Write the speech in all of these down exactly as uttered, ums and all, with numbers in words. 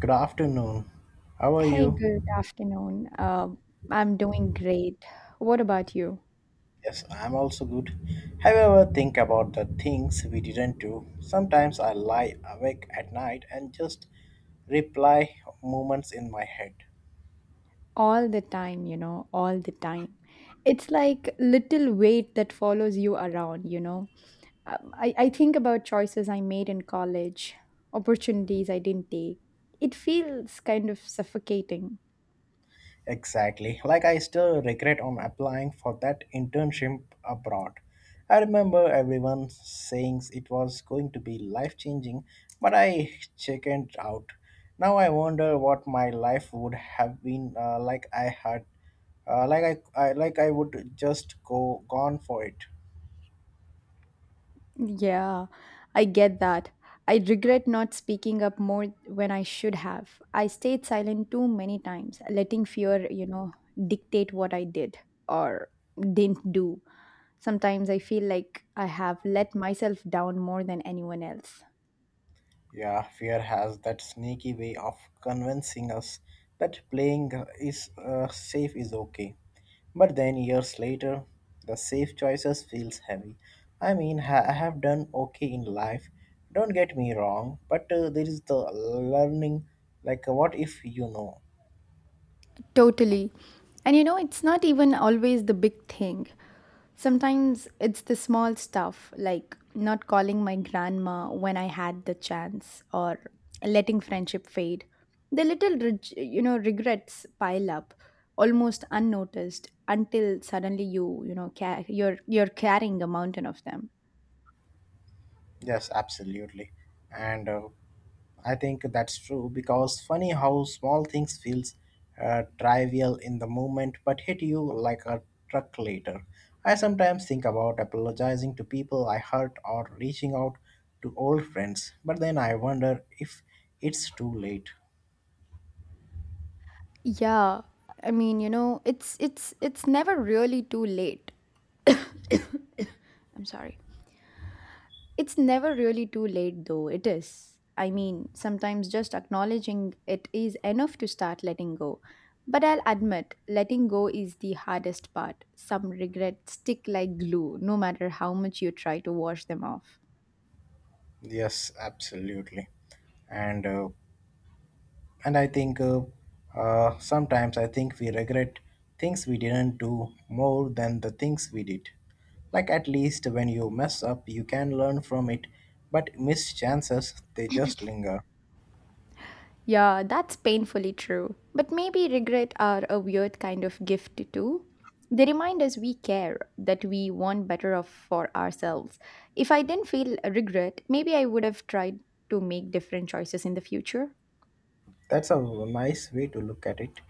Good afternoon. How are Hey, you? good afternoon. Um, I'm doing great. What about you? Yes, I'm also good. Have you ever think about the things we didn't do? Sometimes I lie awake at night and just reply moments in my head. All the time, you know, all the time. It's like little weight that follows you around, you know. Um, I, I think about choices I made in college, opportunities I didn't take. It feels kind of suffocating. Exactly. Like I still regret on applying for that internship abroad. I remember everyone saying it was going to be life changing, but I chickened out. Now I wonder what my life would have been uh, like I had, uh, like I, I like I would just go gone for it. Yeah, I get that. I regret not speaking up more when I should have. I stayed silent too many times, letting fear, you know, dictate what I did or didn't do. Sometimes I feel like I have let myself down more than anyone else. Yeah, fear has that sneaky way of convincing us that playing is uh, safe is okay. But then years later, the safe choices feels heavy. I mean, ha- I have done okay in life. Don't get me wrong, but uh, there is the learning like uh, what if you know. Totally. And you know, it's not even always the big thing. Sometimes it's the small stuff, like not calling my grandma when I had the chance or letting friendship fade. The little, reg- you know, regrets pile up almost unnoticed until suddenly you, you know, ca- you're you're carrying a mountain of them. Yes, absolutely. And uh, I think that's true because funny how small things feels uh, trivial in the moment but hit you like a truck later. I sometimes think about apologizing to people I hurt or reaching out to old friends, but then I wonder if it's too late. Yeah. I mean, you know, it's it's it's never really too late. I'm sorry. It's never really too late, though, it is. I mean, sometimes just acknowledging it is enough to start letting go. But I'll admit, letting go is the hardest part. Some regrets stick like glue, no matter how much you try to wash them off. Yes, absolutely. And uh, And I think uh, uh, sometimes I think we regret things we didn't do more than the things we did. Like at least when you mess up, you can learn from it, but missed chances, they just linger. Yeah, that's painfully true. But maybe regret are a weird kind of gift, too. They remind us we care, that we want better of for ourselves. If I didn't feel regret, maybe I would have tried to make different choices in the future. That's a nice way to look at it.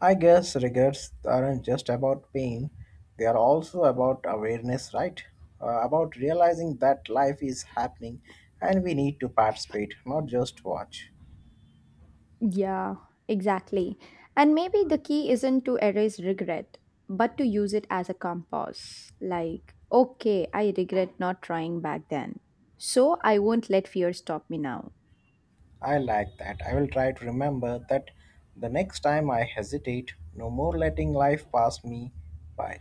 I guess regrets aren't just about pain, they are also about awareness, right? Uh, about realizing that life is happening and we need to participate, not just watch. Yeah, exactly. And maybe the key isn't to erase regret, but to use it as a compass. Like, okay, I regret not trying back then. So I won't let fear stop me now. I like that. I will try to remember that the next time I hesitate, no more letting life pass me by.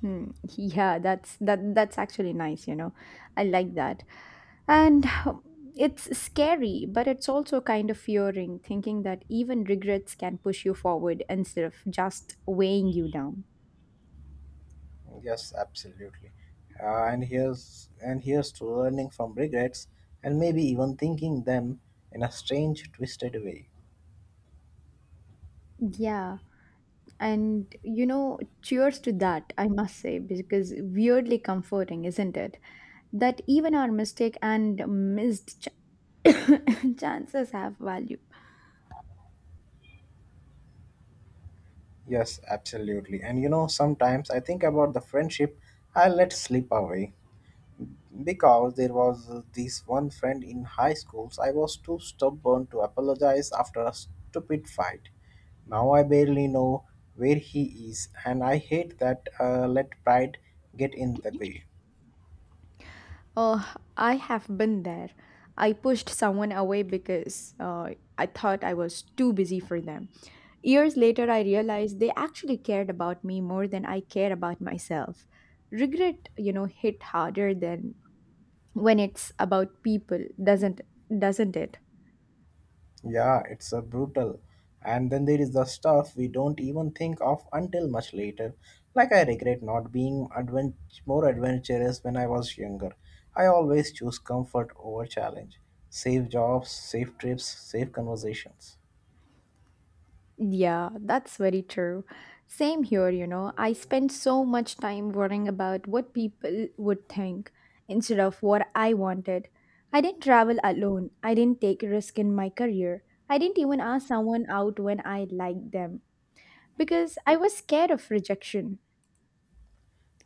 Hmm. Yeah, that's that that's actually nice, you know. I like that. And it's scary, but it's also kind of fearing thinking that even regrets can push you forward instead of just weighing you down. Yes, absolutely. Uh, and here's and here's to learning from regrets and maybe even thinking them in a strange, twisted way. Yeah. And you know, cheers to that, I must say, because weirdly comforting, isn't it? That even our mistake and missed ch- chances have value. Yes, absolutely. And you know, sometimes I think about the friendship I let slip away. Because there was this one friend in high schools, I was too stubborn to apologize after a stupid fight. Now I barely know where he is, and I hate that uh, let pride get in the way. Oh, I have been there. I pushed someone away because uh, I thought I was too busy for them. Years later, I realized they actually cared about me more than I care about myself. Regret, you know, hit harder than when it's about people, doesn't doesn't it? Yeah, it's a brutal. And then there is the stuff we don't even think of until much later. Like I regret not being advent- more adventurous when I was younger. I always choose comfort over challenge. Safe jobs, safe trips, safe conversations. Yeah, that's very true. Same here, you know. I spend so much time worrying about what people would think instead of what I wanted. I didn't travel alone. I didn't take a risk in my career. I didn't even ask someone out when I liked them because I was scared of rejection.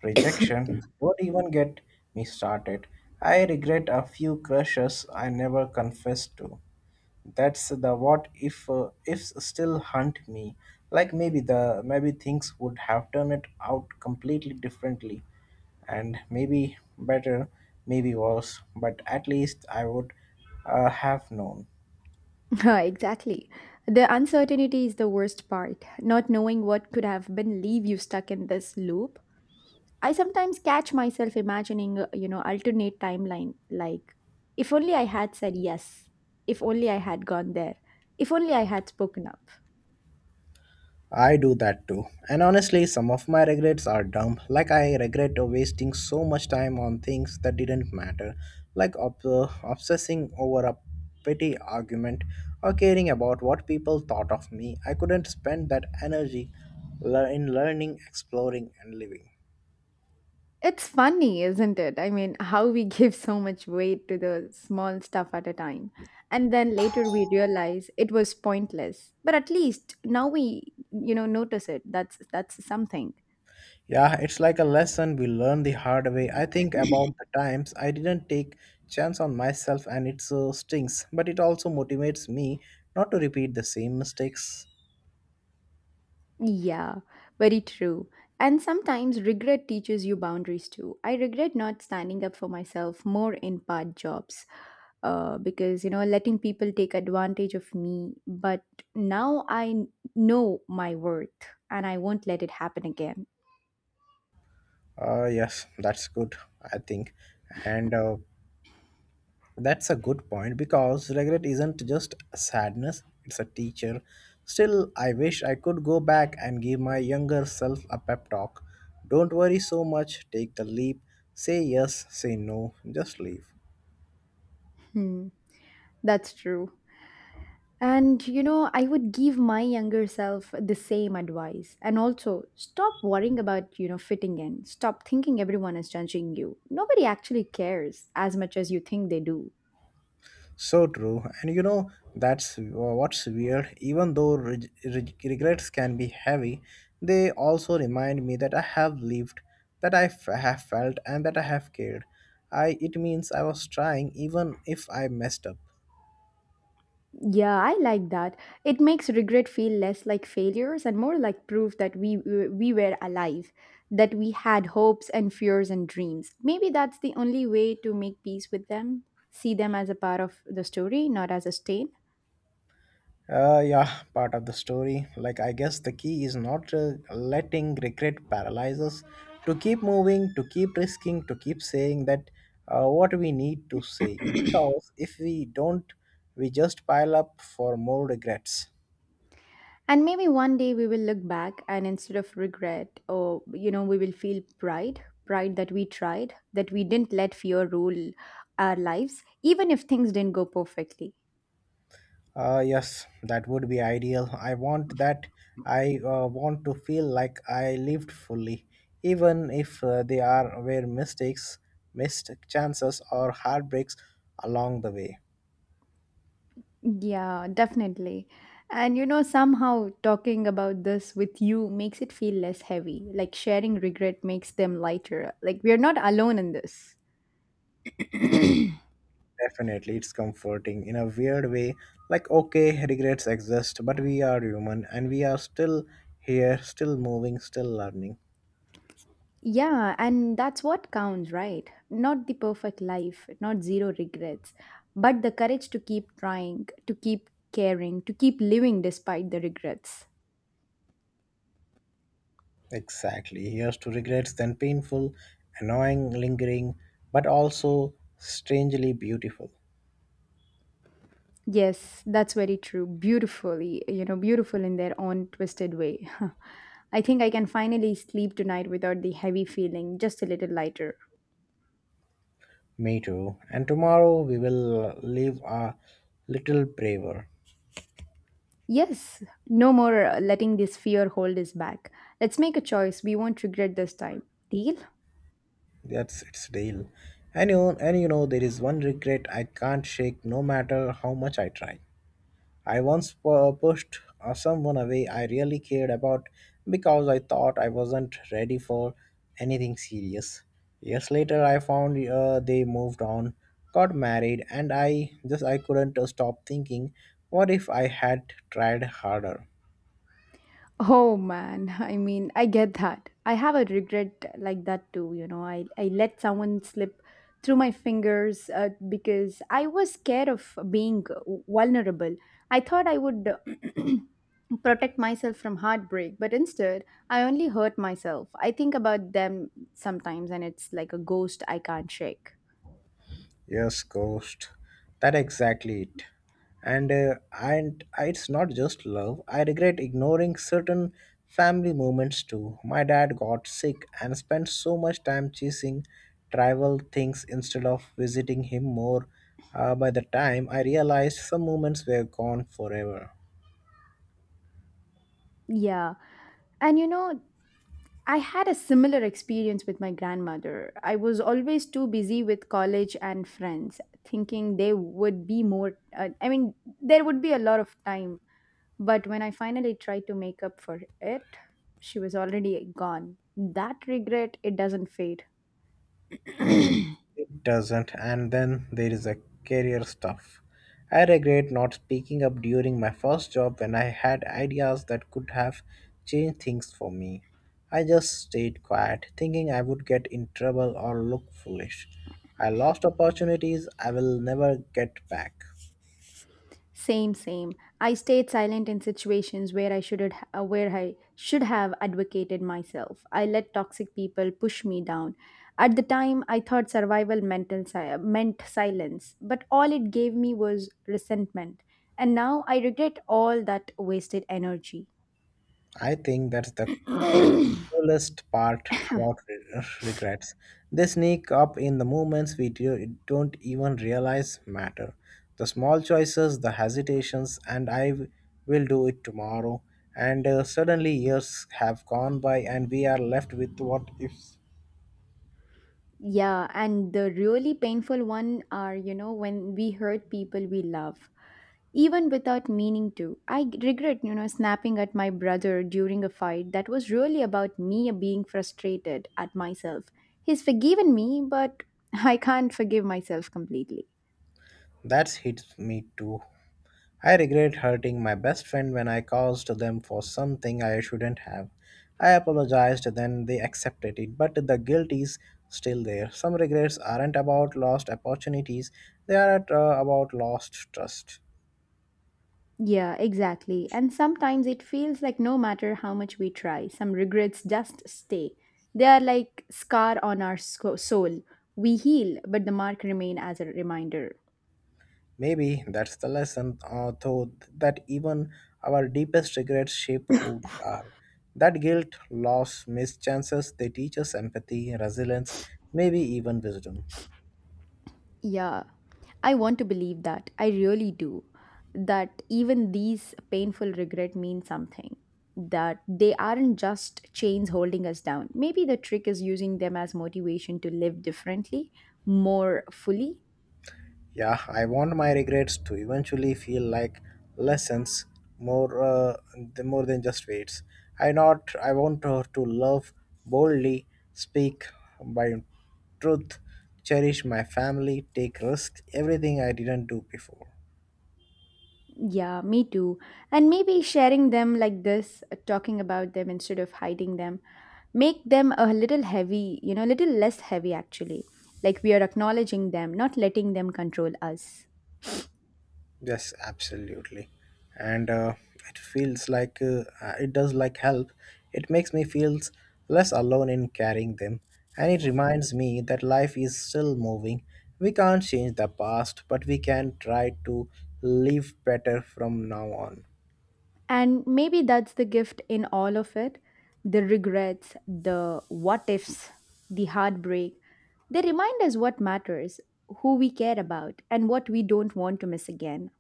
Rejection? Don't even get me started. I regret a few crushes I never confessed to. That's the what if uh, ifs still hunt me. Like maybe the maybe things would have turned it out completely differently, and maybe better, maybe worse. But at least I would uh, have known. Exactly. The uncertainty is the worst part. Not knowing what could have been leave you stuck in this loop. I sometimes catch myself imagining, uh, you know, alternate timeline like if only I had said yes, if only I had gone there, if only I had spoken up. I do that too. And honestly, some of my regrets are dumb. Like, I regret wasting so much time on things that didn't matter, like ob- uh, obsessing over a petty argument or caring about what people thought of me. I couldn't spend that energy lear- in learning, exploring, and living. It's funny, isn't it? I mean, how we give so much weight to the small stuff at a time. And then later we realize it was pointless. But at least now we, you know, notice it. That's that's something. Yeah, it's like a lesson we learn the hard way. Mhm. I think about the times I didn't take chance on myself and it uh, stings, but it also motivates me not to repeat the same mistakes. Yeah, very true. And sometimes regret teaches you boundaries too. I regret not standing up for myself more in part jobs uh, because, you know, letting people take advantage of me. But now I n- know my worth and I won't let it happen again. Uh, yes, that's good, I think. And uh, That's a good point because regret isn't just a sadness, it's a teacher. Still, I wish I could go back and give my younger self a pep talk. Don't worry so much, take the leap, say yes, say no, just leave. Hmm, that's true. And you know, I would give my younger self the same advice. And also, stop worrying about, you know, fitting in. Stop thinking everyone is judging you. Nobody actually cares as much as you think they do. So true. And you know, that's uh, what's weird. Even though reg- reg- regrets can be heavy, they also remind me that I have lived, that I f- have felt, and that I have cared. I, it means I was trying even if I messed up. Yeah, I like that. It makes regret feel less like failures and more like proof that we we were alive, that we had hopes and fears and dreams. Maybe that's the only way to make peace with them. See them as a part of the story, not as a stain. Uh, yeah, part of the story. Like, I guess the key is not uh, letting regret paralyze us. To keep moving, to keep risking, to keep saying that uh, what we need to say. Because if we don't, we just pile up for more regrets. And maybe one day we will look back and instead of regret, or you know, we will feel pride pride that we tried, that we didn't let fear rule our lives, even if things didn't go perfectly. Uh, yes, that would be ideal. I want that. I uh, want to feel like I lived fully, even if uh, there are were mistakes, missed chances, or heartbreaks along the way. Yeah, definitely. And you know, somehow talking about this with you makes it feel less heavy. Like sharing regret makes them lighter. Like we are not alone in this. Definitely, it's comforting in a weird way. Like, okay, regrets exist, but we are human and we are still here, still moving, still learning. Yeah, and that's what counts, right? Not the perfect life, not zero regrets, but the courage to keep trying, to keep caring, to keep living despite the regrets. Exactly. Here's to regrets, then painful, annoying, lingering, but also strangely beautiful. Yes, that's very true. Beautifully, you know, beautiful in their own twisted way. I think I can finally sleep tonight without the heavy feeling, just a little lighter. Me too. And tomorrow we will live a little braver. Yes, no more uh, letting this fear hold us back. Let's make a choice. We won't regret this time. Deal? That's its deal. And you, and you know, there is one regret I can't shake no matter how much I try. I once pu- pushed uh, someone away I really cared about because I thought I wasn't ready for anything serious. Years later, I found uh, they moved on, got married, and I just I couldn't uh, stop thinking, what if I had tried harder? Oh man, I mean, I get that. I have a regret like that too, you know. I, I let someone slip through my fingers uh, because I was scared of being vulnerable. I thought I would uh, protect myself from heartbreak, but instead, I only hurt myself. I think about them sometimes and it's like a ghost I can't shake. Yes, ghost. That exactly it. And uh, and it's not just love. I regret ignoring certain family moments too. My dad got sick and spent so much time chasing trivial things instead of visiting him more. Uh, by the time I realized some moments were gone forever. Yeah. And you know, I had a similar experience with my grandmother. I was always too busy with college and friends, thinking they would be more, uh, I mean, there would be a lot of time. But when I finally tried to make up for it, she was already gone. That regret, it doesn't fade. It doesn't. And then there is a career stuff. I regret not speaking up during my first job when I had ideas that could have changed things for me. I just stayed quiet, thinking I would get in trouble or look foolish. I lost opportunities I will never get back. Same, same. I stayed silent in situations where I should uh, where I should have advocated myself. I let toxic people push me down. At the time, I thought survival mental si- uh, meant silence, but all it gave me was resentment. And now I regret all that wasted energy. I think that's the cruelest part about re- regrets. They sneak up in the moments we do, don't even realize matter. The small choices, the hesitations, and I w- will do it tomorrow. And uh, Suddenly years have gone by, and we are left with what ifs. Yeah, and the really painful one are, you know, when we hurt people we love, even without meaning to. I g- regret, you know, snapping at my brother during a fight that was really about me being frustrated at myself. He's forgiven me, but I can't forgive myself completely. That's hit me too. I regret hurting my best friend when I caused them for something I shouldn't have. I apologized, then they accepted it, but the guilt is still there. Some regrets aren't about lost opportunities, they are at, uh, about lost trust. Yeah, exactly. And sometimes it feels like no matter how much we try, some regrets just stay. They are like scar on our sco- soul. We heal, but the mark remain as a reminder. Maybe that's the lesson, uh, though, that even our deepest regrets shape who we are. That guilt, loss, missed chances, they teach us empathy, resilience, maybe even wisdom. Yeah, I want to believe that. I really do. That even these painful regret mean something. That they aren't just chains holding us down. Maybe the trick is using them as motivation to live differently, more fully. Yeah, I want my regrets to eventually feel like lessons more uh, th- more than just weights. I not I want her to love boldly, speak by truth, cherish my family, take risks, everything I didn't do before. Yeah, me too. And maybe sharing them like this, uh, talking about them instead of hiding them, make them a little heavy, you know, a little less heavy actually. Like we are acknowledging them, not letting them control us. Yes, absolutely. And uh, It feels like uh, uh, it does like help. It makes me feel less alone in carrying them. And it reminds me that life is still moving. We can't change the past, but we can try to live better from now on. And maybe that's the gift in all of it, the regrets, the what ifs, the heartbreak. They remind us what matters, who we care about, and what we don't want to miss again.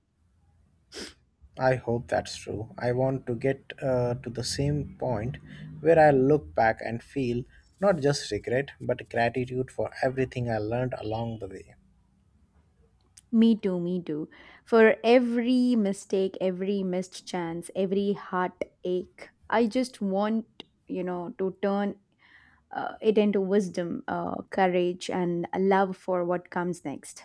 I hope that's true. I want to get uh, to the same point where I look back and feel not just regret, but gratitude for everything I learned along the way. Me too, me too. For every mistake, every missed chance, every heartache, I just want, you know, to turn uh, it into wisdom, uh, courage, and love for what comes next.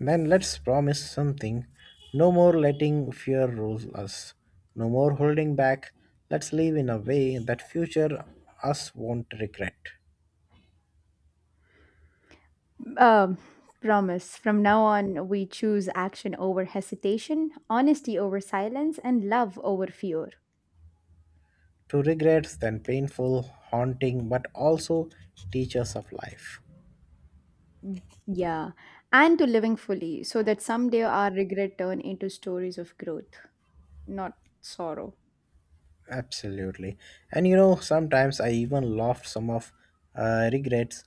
Then let's promise something. No more letting fear rule us. No more holding back. Let's live in a way that future us won't regret. Um, Promise. From now on, we choose action over hesitation, honesty over silence, and love over fear. To regrets then painful, haunting, but also teachers of life. Yeah, and to living fully so that someday our regret turn into stories of growth, not sorrow. Absolutely. And you know, sometimes I even laughed some of uh, regrets,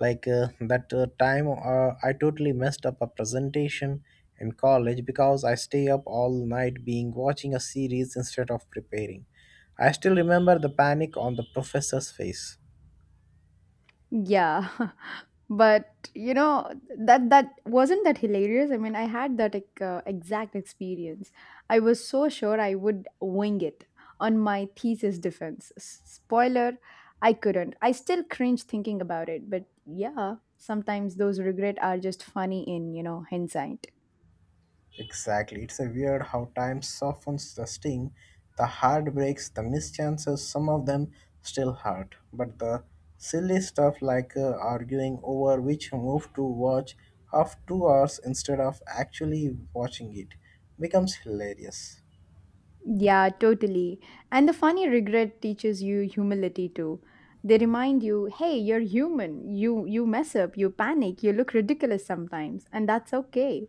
like uh, that uh, time uh, I totally messed up a presentation in college because I stay up all night being watching a series instead of preparing. I still remember the panic on the professor's face. Yeah. But you know that that wasn't that hilarious. I mean, I had that like, uh, exact experience. I was so sure I would wing it on my thesis defense. S- Spoiler, I couldn't. I still cringe thinking about it, but yeah, sometimes those regret are just funny in, you know, hindsight. Exactly. It's a weird how time softens the sting, the heartbreaks, the mischances, some of them still hurt. But the silly stuff like uh, arguing over which move to watch of two hours instead of actually watching it becomes hilarious. Yeah, totally. And the funny regret teaches you humility too. They remind you, hey, you're human. You you mess up, you panic, you look ridiculous sometimes, and that's okay.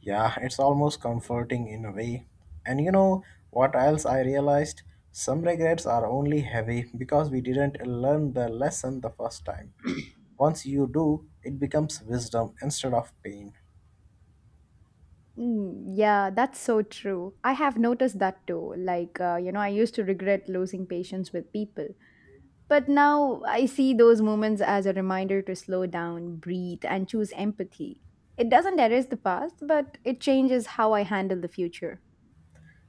Yeah, it's almost comforting in a way. And you know what else I realized? Some regrets are only heavy because we didn't learn the lesson the first time. Once you do, it becomes wisdom instead of pain. Mm, yeah, that's so true. I have noticed that too. Like, uh, you know, I used to regret losing patience with people. But now I see those moments as a reminder to slow down, breathe, and choose empathy. It doesn't erase the past, but it changes how I handle the future.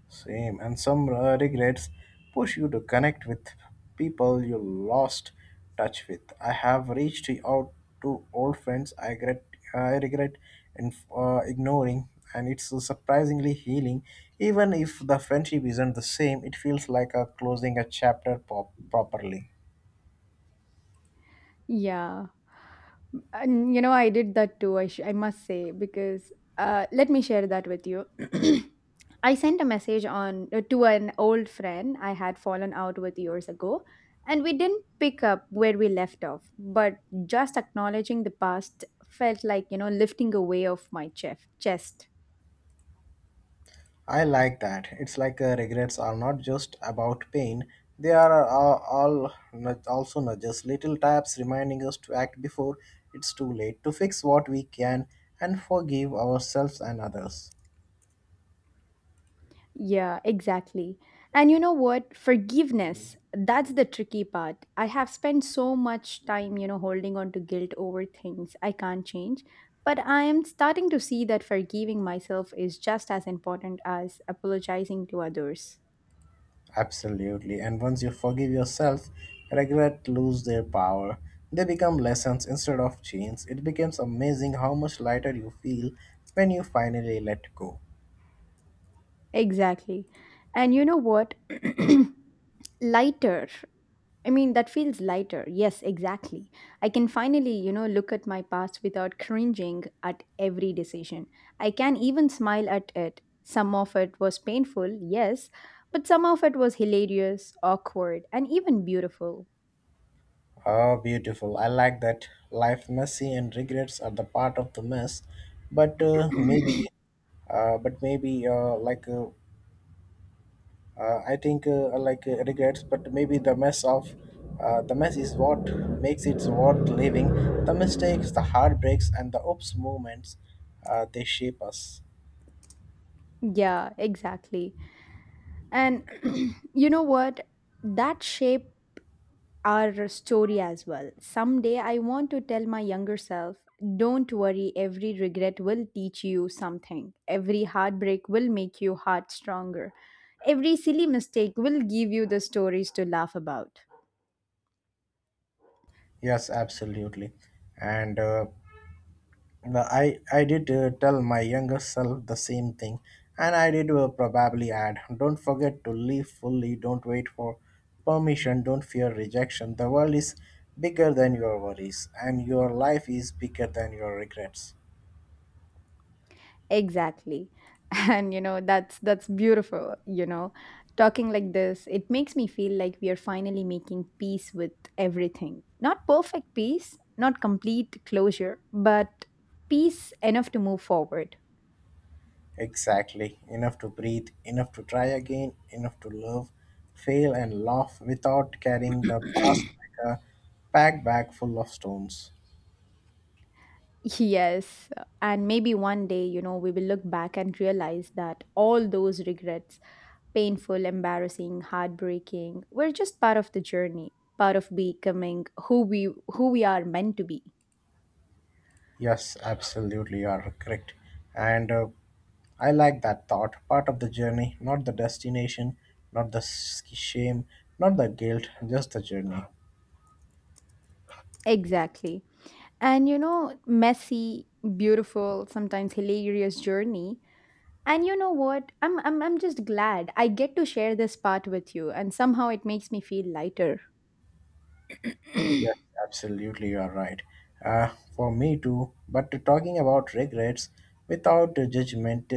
Same, and some uh, regrets push you to connect with people you lost touch with. I have reached out to old friends I regret, I regret in, uh, ignoring, and it's surprisingly healing. Even if the friendship isn't the same, it feels like a closing a chapter pop- properly. Yeah. And you know, I did that too, I, sh- I must say, because uh, let me share that with you. I sent a message on uh, to an old friend I had fallen out with years ago, and we didn't pick up where we left off. But just acknowledging the past felt like, you know, lifting a weight off my chef, chest. I like that. It's like uh, regrets are not just about pain, they are uh, all nudge- also nudges, little taps reminding us to act before it's too late, to fix what we can and forgive ourselves and others. Yeah, exactly. And you know what? Forgiveness, that's the tricky part. I have spent so much time, you know, holding on to guilt over things I can't change. But I am starting to see that forgiving myself is just as important as apologizing to others. Absolutely. And once you forgive yourself, regret lose their power. They become lessons instead of chains. It becomes amazing how much lighter you feel when you finally let go. Exactly. And you know what? Lighter. I mean, that feels lighter. Yes, exactly. I can finally, you know, look at my past without cringing at every decision. I can even smile at it. Some of it was painful, yes, but some of it was hilarious, awkward, and even beautiful. Oh, beautiful. I like that. Life, messy, and regrets are the part of the mess. But uh, maybe, uh, but maybe uh, like uh, uh, I think uh, like uh, regrets. But maybe the mess of uh, the mess is what makes it worth living. The mistakes, the heartbreaks, and the oops moments, uh, they shape us. Yeah, exactly. And you know what? That shape our story as well. Someday I want to tell my younger self, don't worry, every regret will teach you something. Every heartbreak will make your heart stronger. Every silly mistake will give you the stories to laugh about. Yes, absolutely. And uh, No, I I did uh, tell my younger self the same thing, and I did uh, probably add, don't forget to live fully. Don't wait for permission. Don't fear rejection. The world is bigger than your worries, and your life is bigger than your regrets. Exactly. And you know, that's that's beautiful, you know. Talking like this, it makes me feel like we are finally making peace with everything. Not perfect peace, not complete closure, but peace enough to move forward. Exactly. Enough to breathe. Enough to try again. Enough to love, fail, and laugh without carrying the past like a pack bag full of stones. Yes. And maybe one day, you know, we will look back and realize that all those regrets, painful, embarrassing, heartbreaking, were just part of the journey, part of becoming who we who we are meant to be. Yes, absolutely, you are correct. And uh, I like that thought. Part of the journey, not the destination, not the s- shame, not the guilt, just the journey. Exactly. And you know, messy, beautiful, sometimes hilarious journey. And you know what? I'm I'm I'm just glad I get to share this part with you, and somehow it makes me feel lighter. Yes, absolutely, you are right. Uh, for me too, but talking about regrets without judgment,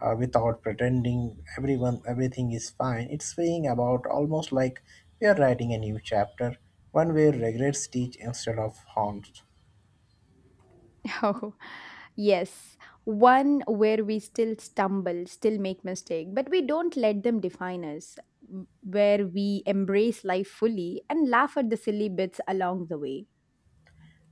uh, without pretending everyone everything is fine, it's freeing about almost like we are writing a new chapter, one where regrets teach instead of haunt. Oh, yes. One where we still stumble, still make mistake, but we don't let them define us. Where we embrace life fully and laugh at the silly bits along the way.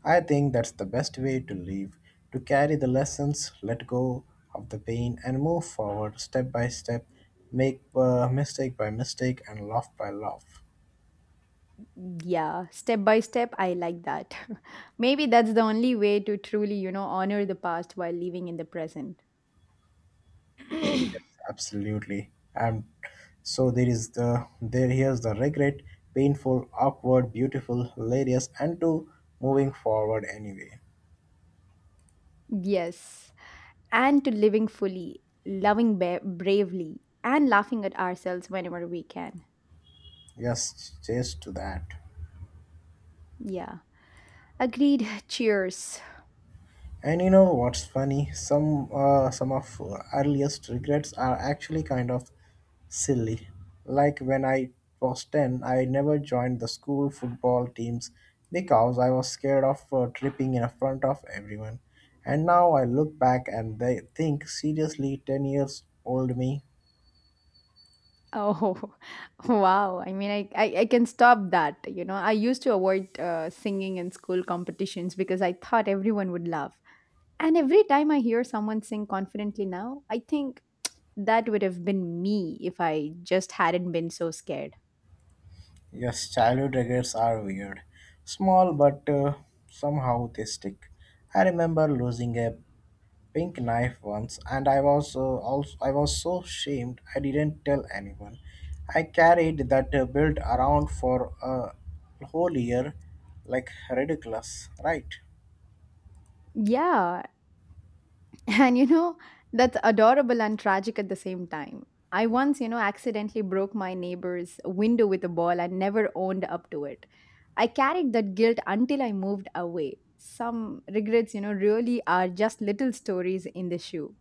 I think that's the best way to live, to carry the lessons, let go of the pain, and move forward step by step, make uh, mistake by mistake, and laugh by laugh. Yeah, step by step, I like that. Maybe that's the only way to truly, you know, honor the past while living in the present. Absolutely. And so there is the there here's the regret, painful, awkward, beautiful, hilarious, and to moving forward anyway. Yes, and to living fully, loving ba- bravely, and laughing at ourselves whenever we can. Yes, cheers to that. Yeah, agreed. Cheers. And you know what's funny? Some uh, some of earliest regrets are actually kind of silly. Like when I was ten, I never joined the school football teams because I was scared of uh, tripping in front of everyone. And now I look back and they think seriously, ten years old me. Oh, wow. I mean, I, I, I can stop that. You know, I used to avoid uh, singing in school competitions because I thought everyone would laugh. And every time I hear someone sing confidently now, I think that would have been me if I just hadn't been so scared. Yes, childhood regrets are weird. Small but uh, somehow they stick. I remember losing a pink knife once and I was uh, also I was so ashamed. I didn't tell anyone. I carried that uh, belt around for a whole year, like ridiculous, right? Yeah, and you know, that's adorable and tragic at the same time. I once, you know, accidentally broke my neighbor's window with a ball and never owned up to it. I carried that guilt until I moved away. Some regrets, you know, really are just little stories in the shoe.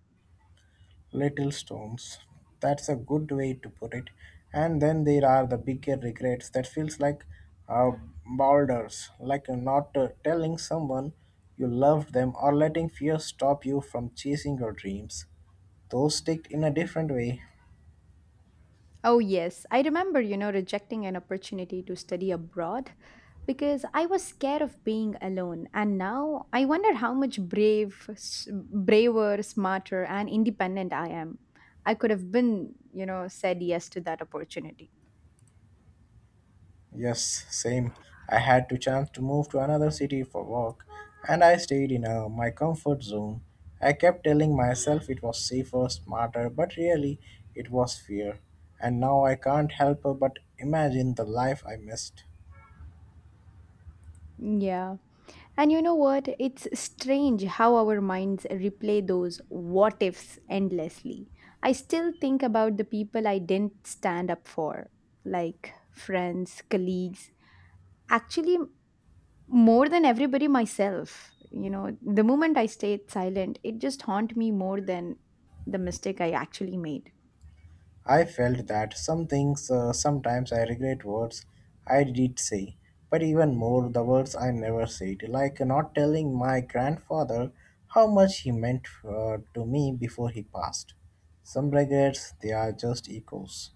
Little stones. That's a good way to put it. And then there are the bigger regrets that feels like uh, boulders, like uh, not uh, telling someone you loved them or letting fear stop you from chasing your dreams. Those stick in a different way. Oh, yes, I remember, you know, rejecting an opportunity to study abroad, because I was scared of being alone. And now I wonder how much brave, s- braver, smarter, and independent I am. I could have been, you know, said yes to that opportunity. Yes, same. I had to chance to move to another city for work, and I stayed in uh, my comfort zone. I kept telling myself it was safer, smarter, but really it was fear. And now I can't help but imagine the life I missed. Yeah. And you know what? It's strange how our minds replay those what ifs endlessly. I still think about the people I didn't stand up for, like friends, colleagues. Actually, more than everybody myself. You know, the moment I stayed silent, it just haunt me more than the mistake I actually made. I felt that. Some things uh, sometimes I regret words I did say, but even more the words I never said, like not telling my grandfather how much he meant uh, to me before he passed. Some regrets, they are just echoes.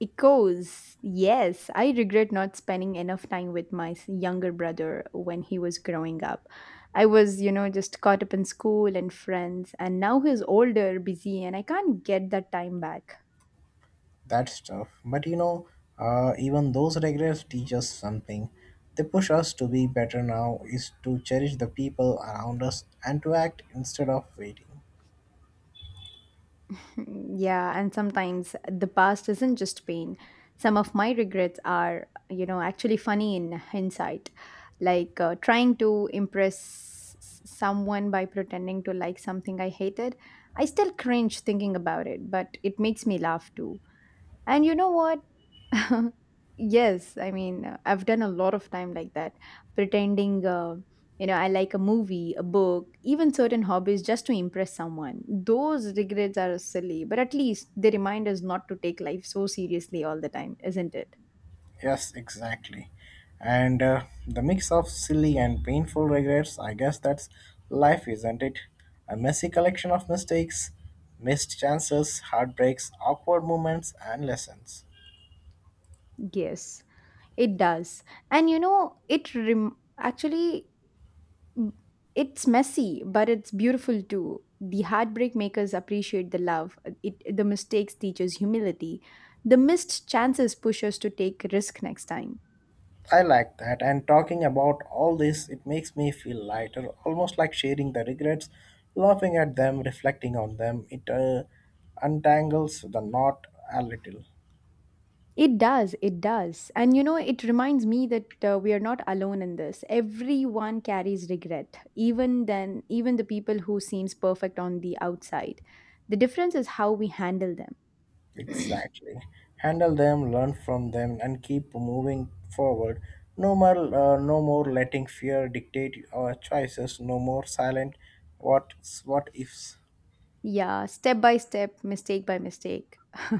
Echoes. Yes, I regret not spending enough time with my s- younger brother when he was growing up. I was, you know, just caught up in school and friends, and now he's older, busy, and I can't get that time back. That's tough. But you know, uh, even those regrets teach us something. They push us to be better now, is to cherish the people around us and to act instead of waiting. Yeah, and sometimes the past isn't just pain. Some of my regrets are, you know, actually funny in hindsight, like uh, trying to impress s- someone by pretending to like something I hated. I still cringe thinking about it, but it makes me laugh too. And you know what? Yes, I mean, uh, I've done a lot of time like that, pretending, uh, you know, I like a movie, a book, even certain hobbies just to impress someone. Those regrets are silly, but at least they remind us not to take life so seriously all the time, isn't it? Yes, exactly. And uh, The mix of silly and painful regrets, I guess that's life, isn't it? A messy collection of mistakes, missed chances, heartbreaks, awkward moments, and lessons. Yes, it does. And you know, it rem- actually Mm, it's messy, but it's beautiful too. The heartbreak makers appreciate the love. It, the mistakes teaches humility. The missed chances push us to take risk next time. I like that, and talking about all this, it makes me feel lighter, almost like sharing the regrets, laughing at them, reflecting on them. It uh, untangles the knot a little. It does, it does. And you know, it reminds me that uh, we are not alone in this. Everyone carries regret, even then, even the people who seems perfect on the outside. The difference is how we handle them. Exactly. Handle them, learn from them, and keep moving forward. No more, uh, no more letting fear dictate our choices. No more silent. What, what ifs? Yeah, step by step, mistake by mistake,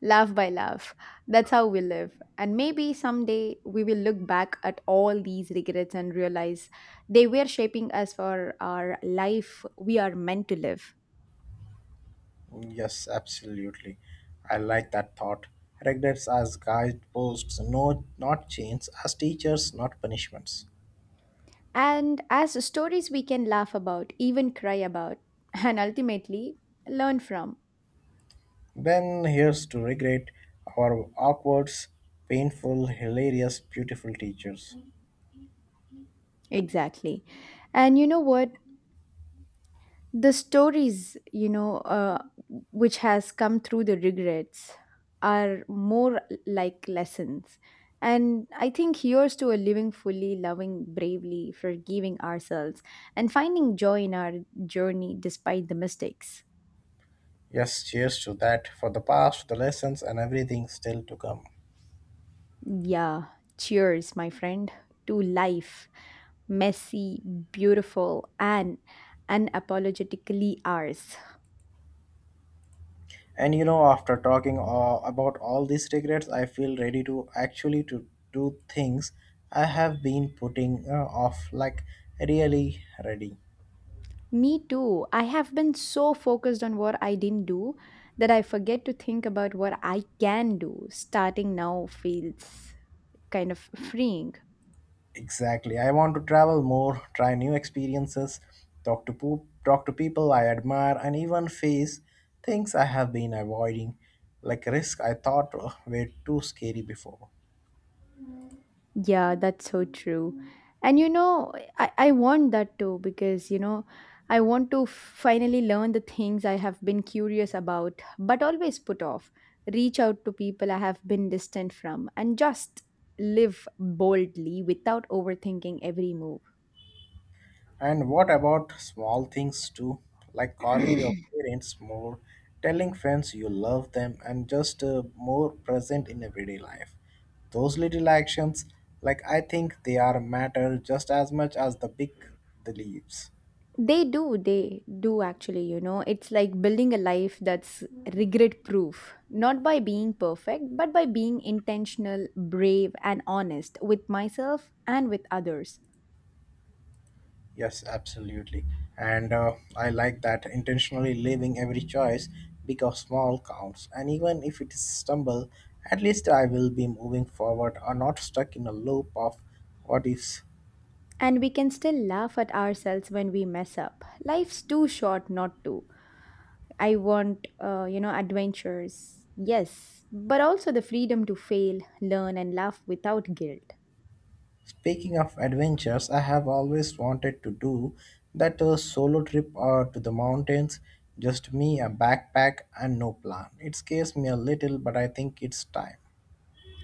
laugh by laugh. That's how we live. And maybe someday we will look back at all these regrets and realize they were shaping us for our life we are meant to live. Yes, absolutely. I like that thought. Regrets as guideposts. No, not chains. As teachers, not punishments. And as stories we can laugh about, even cry about, and ultimately learn from. Then here's to regret, our awkward, painful, hilarious, beautiful teachers. Exactly. And you know what? The stories, you know, uh, which has come through the regrets are more like lessons. And I think here's to a living fully, loving bravely, forgiving ourselves, and finding joy in our journey despite the mistakes. Yes, cheers to that, for the past, the lessons, and everything still to come. Yeah, cheers my friend, to life, messy, beautiful, and unapologetically ours. And you know, after talking uh, about all these regrets, I feel ready to actually to do things I have been putting uh, off, like really ready. Me too. I have been so focused on what I didn't do that I forget to think about what I can do. Starting now feels kind of freeing. Exactly. I want to travel more, try new experiences, talk to poop, talk to people I admire, and even face things I have been avoiding, like risk I thought uh, were too scary before. Yeah, that's so true. And you know, I, I want that too, because, you know, I want to finally learn the things I have been curious about, but always put off. Reach out to people I have been distant from and just live boldly without overthinking every move. And what about small things too, like calling your parents more, telling friends you love them, and just uh, more present in everyday life? Those little actions, like I think they are matter just as much as the big the leaves. They do, they do actually, you know. It's like building a life that's regret proof, not by being perfect, but by being intentional, brave, and honest with myself and with others. Yes, absolutely. And uh, I like that, intentionally leaving every choice because small counts. And even if it is stumble, at least I will be moving forward or not stuck in a loop of what ifs. And we can still laugh at ourselves when we mess up. Life's too short not to. I want, uh, you know, adventures, yes, but also the freedom to fail, learn, and laugh without guilt. Speaking of adventures, I have always wanted to do that uh, solo trip or to the mountains, just me, a backpack, and no plan. It scares me a little, but I think it's time.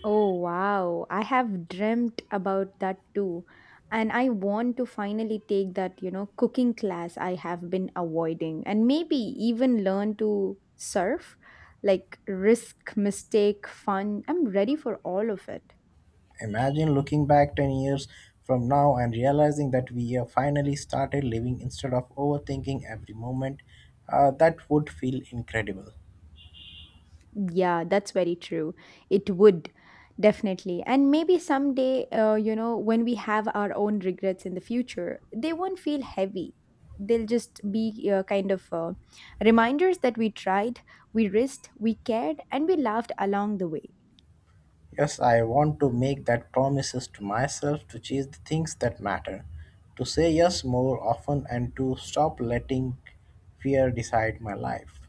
Oh wow, I have dreamt about that too. And I want to finally take that, you know, cooking class I have been avoiding and maybe even learn to surf, like risk, mistake, fun. I'm ready for all of it. Imagine looking back ten years from now and realizing that we have finally started living instead of overthinking every moment. Uh, that would feel incredible. Yeah, that's very true. It would definitely. And maybe someday, uh, you know, when we have our own regrets in the future, they won't feel heavy. They'll just be uh, kind of uh, reminders that we tried, we risked, we cared, and we laughed along the way. Yes, I want to make that promises to myself, to chase the things that matter, to say yes more often, and to stop letting fear decide my life.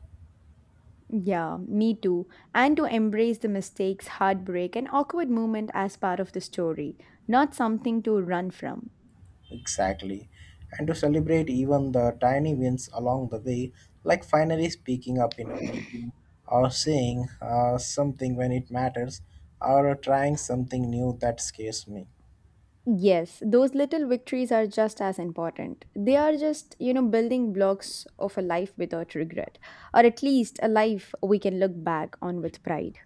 Yeah, me too. And to embrace the mistakes, heartbreak, and awkward moment as part of the story, not something to run from. Exactly. And to celebrate even the tiny wins along the way, like finally speaking up in a meeting or saying uh, something when it matters or trying something new that scares me. Yes, those little victories are just as important. They are just, you know, building blocks of a life without regret, or at least a life we can look back on with pride.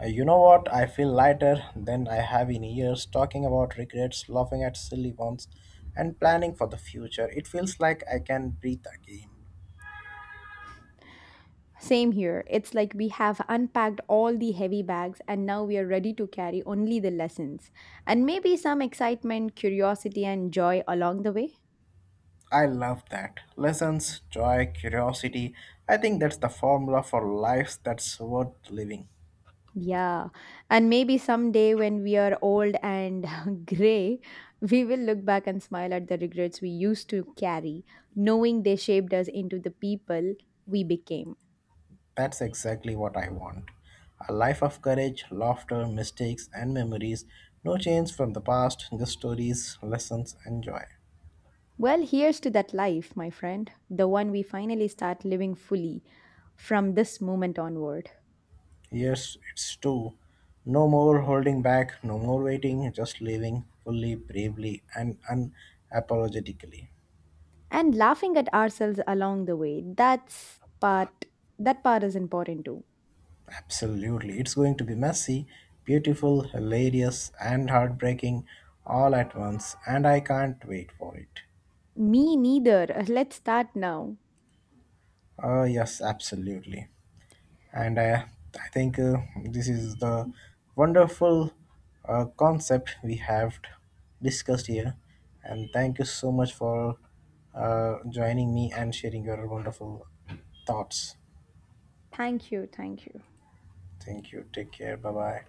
Uh, You know what? I feel lighter than I have in years, talking about regrets, laughing at silly ones, and planning for the future. It feels like I can breathe again. Same here. It's like we have unpacked all the heavy bags and now we are ready to carry only the lessons and maybe some excitement, curiosity, and joy along the way. I love that. Lessons, joy, curiosity. I think that's the formula for lives that's worth living. Yeah, and maybe someday when we are old and gray, we will look back and smile at the regrets we used to carry, knowing they shaped us into the people we became. That's exactly what I want. A life of courage, laughter, mistakes, and memories. No change from the past, just stories, lessons, and joy. Well, here's to that life, my friend, the one we finally start living fully from this moment onward. Yes, it's true. No more holding back, no more waiting, just living fully, bravely, and unapologetically. And laughing at ourselves along the way, that's part that part is important too. Absolutely. It's going to be messy, beautiful, hilarious, and heartbreaking all at once, and I can't wait for it. Me neither. Let's start now. Ah, yes, absolutely. And uh, I think uh, This is the wonderful uh, concept we have discussed here. And thank you so much for uh, joining me and sharing your wonderful thoughts. Thank you, thank you. Thank you. Take care. Bye bye.